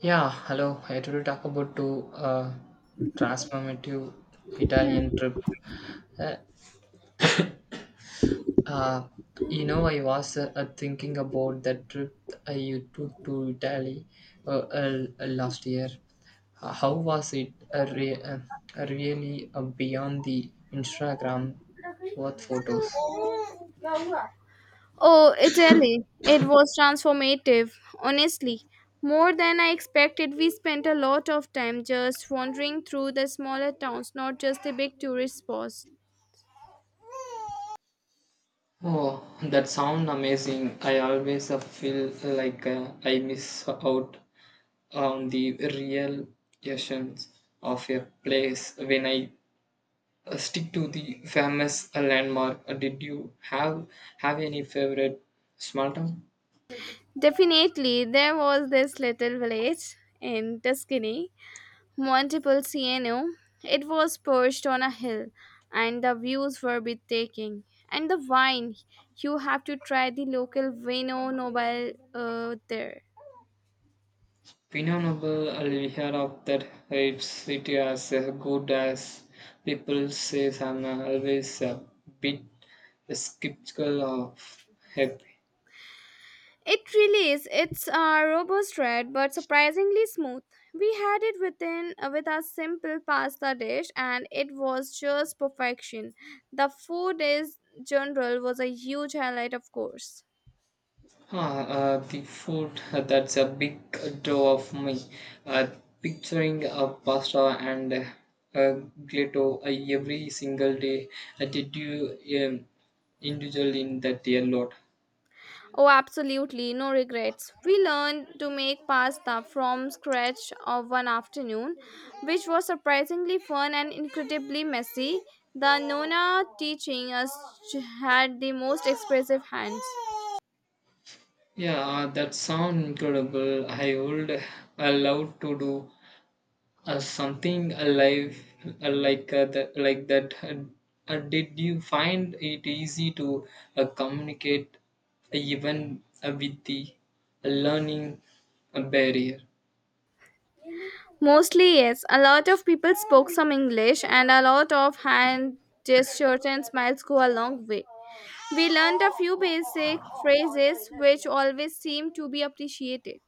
Yeah, hello. I today talk about to transformative Italian trip. Uh, uh, I was thinking about that trip I you took to Italy last year. How was it? Really beyond the Instagram worth photos. Oh, Italy. It was transformative, honestly. More than I expected, we spent a lot of time just wandering through the smaller towns, not just the big tourist spots. Oh, that sound amazing! I always feel like I miss out on the real essence of a place when I stick to the famous landmark. Did you have any favorite small town? Definitely, there was this little village in Tuscany, Montepulciano. It was perched on a hill, and the views were breathtaking. And the wine, you have to try the local Vino Nobile there. Pinnable layer of that it as good as people say. I'm always a bit skeptical of it. It really is. It's a robust red, but surprisingly smooth. We had it within with our simple pasta dish, and it was just perfection. The food is general was a huge highlight, of course. Huh, the food that's a big draw of me. Uh, picturing a pasta and a gelato every single day. Did you indulge in that a lot? Oh, absolutely, no regrets. We learned to make pasta from scratch of one afternoon, which was surprisingly fun and incredibly messy. The Nona teaching us had the most expressive hands. Yeah, that sounds incredible. I would love to do something alive like that. Did you find it easy to communicate even with the learning barrier? Mostly, yes. A lot of people spoke some English, and a lot of hand gestures and smiles go a long way. We learned a few basic phrases which always seem to be appreciated.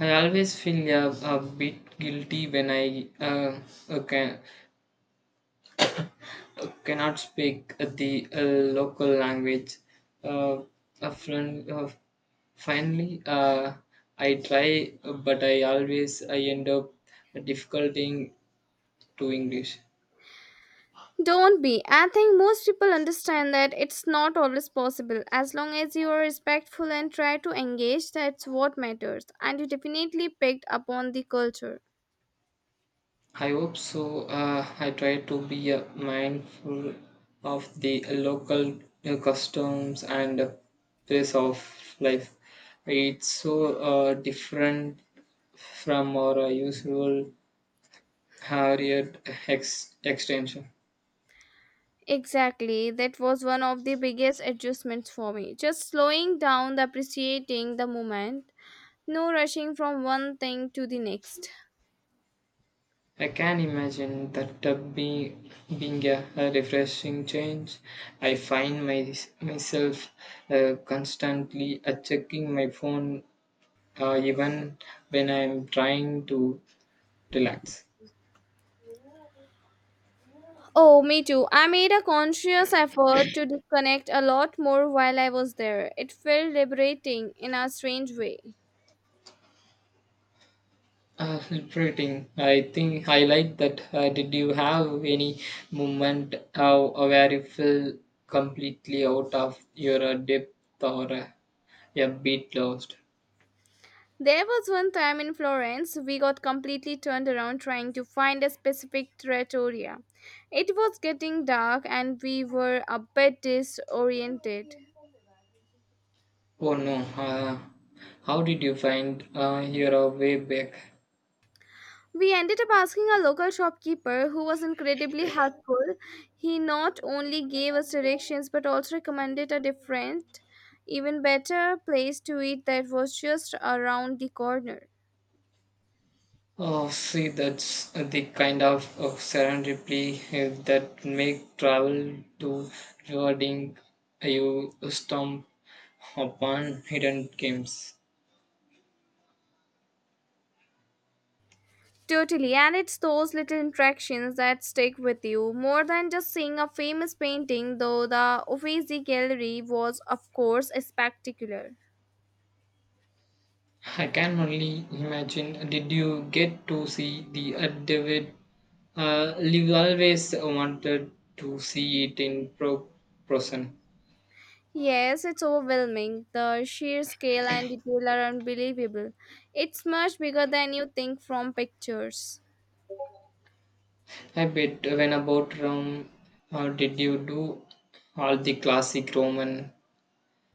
I always feel a bit guilty when I uh, can, cannot speak the local language. Uh, a friend, finally, I try, but I always I end up difficulting to English. Don't be. I think most people understand that it's not always possible. As long as you are respectful and try to engage, that's what matters. And you definitely picked up on the culture. I hope so. I try to be mindful of the local customs and pace of life. It's so different from our usual Harriet extension. Exactly. That was one of the biggest adjustments for me. Just slowing down, appreciating the moment. No rushing from one thing to the next. I can imagine that be being a refreshing change. I find myself constantly checking my phone even when I'm trying to relax. Oh, me too. I made a conscious effort to disconnect a lot more while I was there. It felt liberating in a strange way. Celebrating, I think I like that. Did you have any moment where you feel completely out of your depth or a bit lost? There was one time in Florence we got completely turned around trying to find a specific trattoria. It was getting dark and we were a bit disoriented. Oh no, uh, how did you find your way back? We ended up asking a local shopkeeper, who was incredibly helpful. He not only gave us directions but also recommended a different, even better place to eat that was just around the corner. Oh, see, that's the kind of serendipity that make travel to rewarding. You stumble upon hidden games. Totally, and it's those little interactions that stick with you more than just seeing a famous painting, though the Uffizi Gallery was, of course, spectacular. I can only imagine. Did you get to see the affidavit? You always wanted to see it in person. Yes, it's overwhelming. The sheer scale and detail are unbelievable. It's much bigger than you think from pictures. I bet when about Rome, did you do all the classic Roman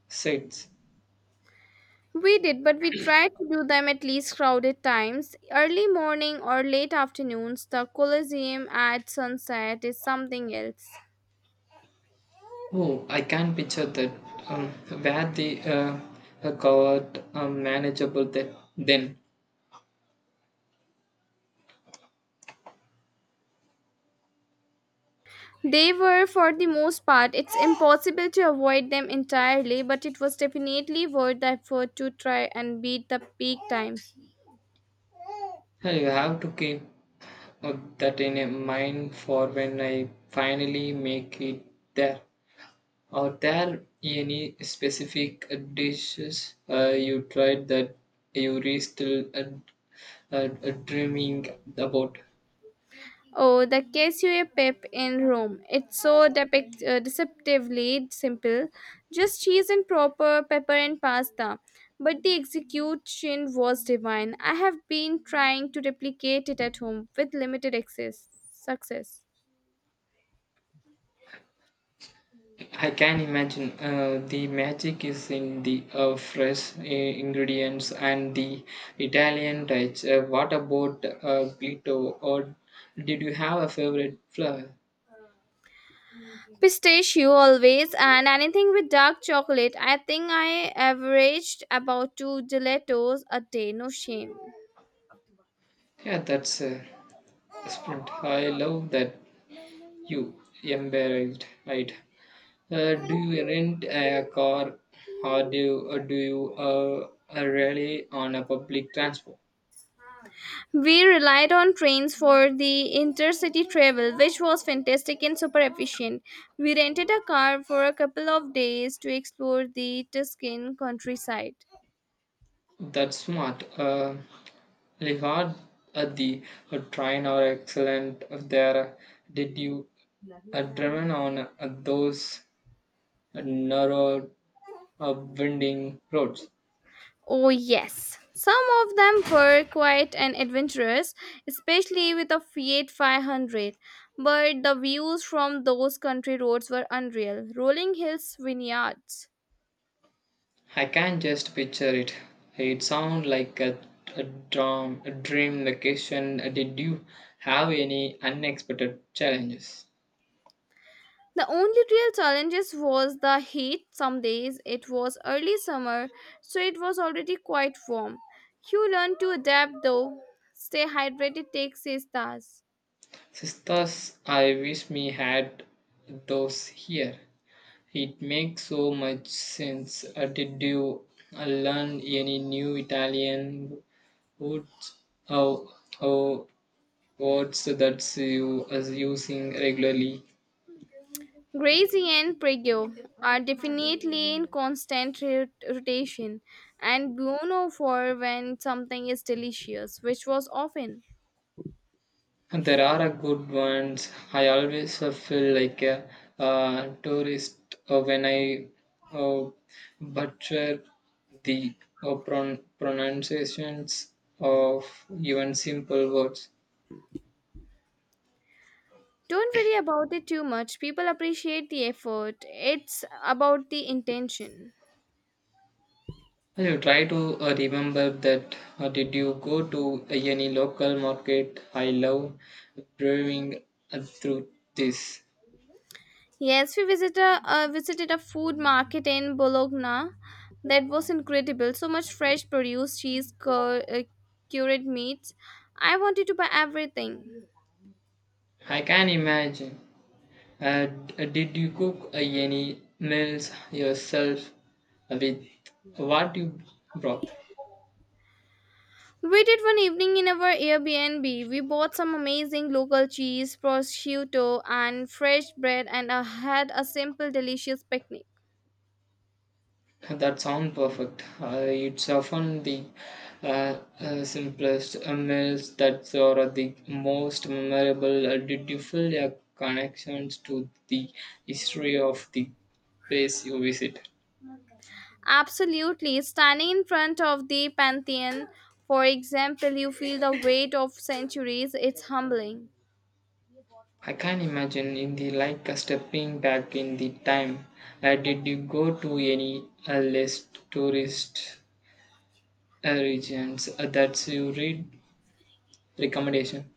sites? We did, but we tried to do them at least crowded times. Early morning or late afternoons, the Colosseum at sunset is something else. Oh, I can picture that. Um, where the got manageable that then. They were, for the most part, it's impossible to avoid them entirely, but it was definitely worth the effort to try and beat the peak time. You have to keep that in a mind for when I finally make it there. Are there any specific dishes you tried that you are still dreaming about? Oh, the Casue Pip in Rome. It's so deceptively simple. Just cheese and proper pepper and pasta. But the execution was divine. I have been trying to replicate it at home with limited access. Success. I can imagine the magic is in the fresh ingredients and the Italian touch. What about Glito? Or did you have a favorite flour? Pistachio always and anything with dark chocolate. I think I averaged about two gelatos a day. No shame. Yeah, that's a sprint. I love that. You embarrassed, right? Do you rent a car or do you rely on a public transport? We relied on trains for the intercity travel, which was fantastic and super efficient. We rented a car for a couple of days to explore the Tuscan countryside. That's smart. Lihard at the train are excellent there. Did you driven on those narrow, uh, winding roads? Oh, yes. Some of them were quite an adventurous, especially with a Fiat 500. But the views from those country roads were unreal rolling hills, vineyards. I can just picture it. It sounds like a dream vacation. Did you have any unexpected challenges? The only real challenges was the heat. Some days it was early summer, so it was already quite warm. You learn to adapt though. Stay hydrated takes its stars. Sisters, I wish me had those here. It makes so much sense. Did you learn any new Italian words, oh, oh, words that you are using regularly? Gracie and Prego are definitely in constant rotation, and Bruno for when something is delicious, which was often. And there are a good ones. I always feel like a tourist when I uh, butcher the pronunciations of even simple words. Don't worry about it too much. People appreciate the effort. It's about the intention. I will try to remember that. Did you go to any local market? I love brewing through this. Yes, we visited a food market in Bologna. That was incredible. So much fresh produce, cheese, cured meats. I wanted to buy everything. I can imagine. Did you cook any meals yourself with what you brought? We did one evening in our Airbnb. We bought some amazing local cheese, prosciutto, and fresh bread, and had a simple, delicious picnic. That sounds perfect. It's often the simplest meals that are the most memorable. Did you feel your connections to the history of the place you visit? Absolutely. Standing in front of the Pantheon, for example, you feel the weight of centuries. It's humbling. I can imagine in the like a stepping back in the time. Did you go to any less tourist regions. That's you read recommendation.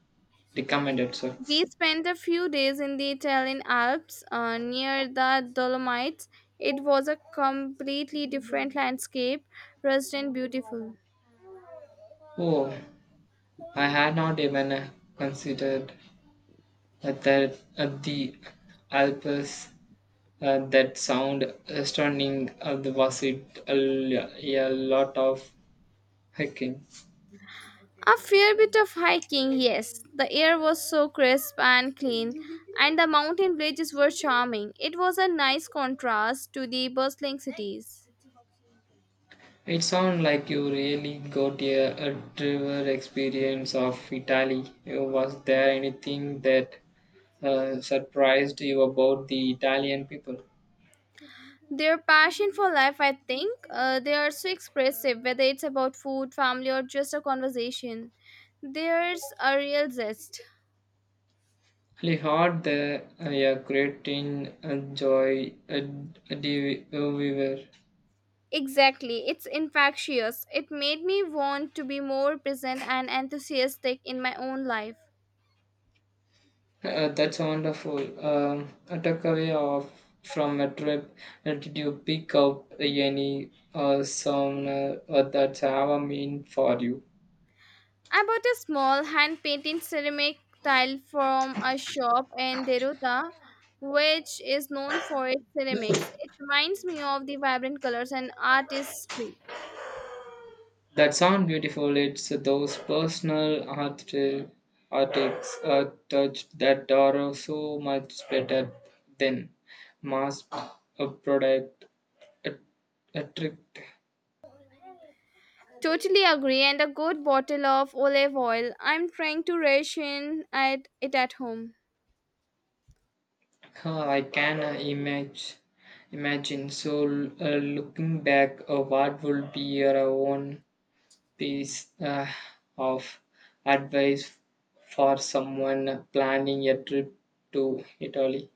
Recommended, sir. We spent a few days in the Italian Alps near the Dolomites. It was a completely different landscape, rust and beautiful. Oh, I had not even considered that the Alps. That sound stunning. Was it a lot of hiking? A fair bit of hiking, yes. The air was so crisp and clean, and the mountain villages were charming. It was a nice contrast to the bustling cities. It sounds like you really got a true experience of Italy. Was there anything that surprised you about the Italian people? Their passion for life, I think, they are so expressive, whether it's about food, family, or just a conversation. There's a real zest. He had the, yeah great in joy and we were. Exactly, it's infectious. It made me want to be more present and enthusiastic in my own life. That's wonderful. A takeaway of from a trip. Did you pick up any song that have a mean for you? I bought a small hand painted ceramic tile from a shop in Deruta, which is known for its ceramics. It reminds me of the vibrant colors and artistry. That sound beautiful. It's those personal artists touch that are so much better than mass product. A, a trick. Totally agree, and a good bottle of olive oil. I'm trying to ration at it at home. Huh, I can imagine. So, looking back, what would be your own piece of advice for someone planning a trip to Italy?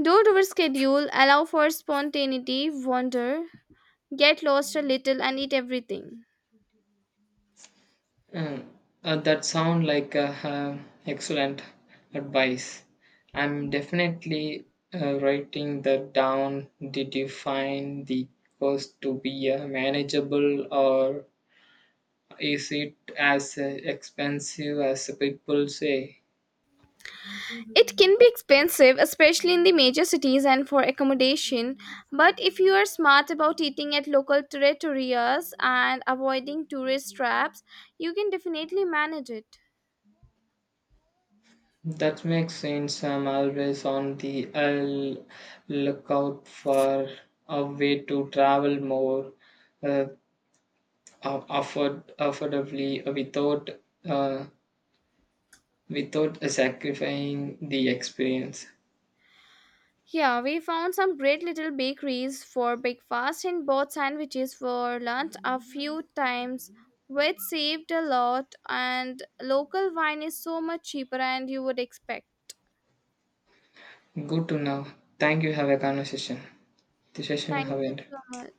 Don't overschedule, allow for spontaneity, wonder. Get lost a little and eat everything. Mm, that sound like excellent advice. I'm definitely writing that down. Did you find the cost to be manageable or is it as expensive as people say? It can be expensive, especially in the major cities and for accommodation, but if you are smart about eating at local trattorias and avoiding tourist traps, you can definitely manage it. That makes sense. I'm always on the lookout for a way to travel more uh, affordably without uh, without sacrificing the experience. Yeah, we found some great little bakeries for breakfast and bought sandwiches for lunch a few times, which saved a lot. And local wine is so much cheaper, and you would expect. Good to know. Thank you. Have a conversation. The session Thank have you ended. so much.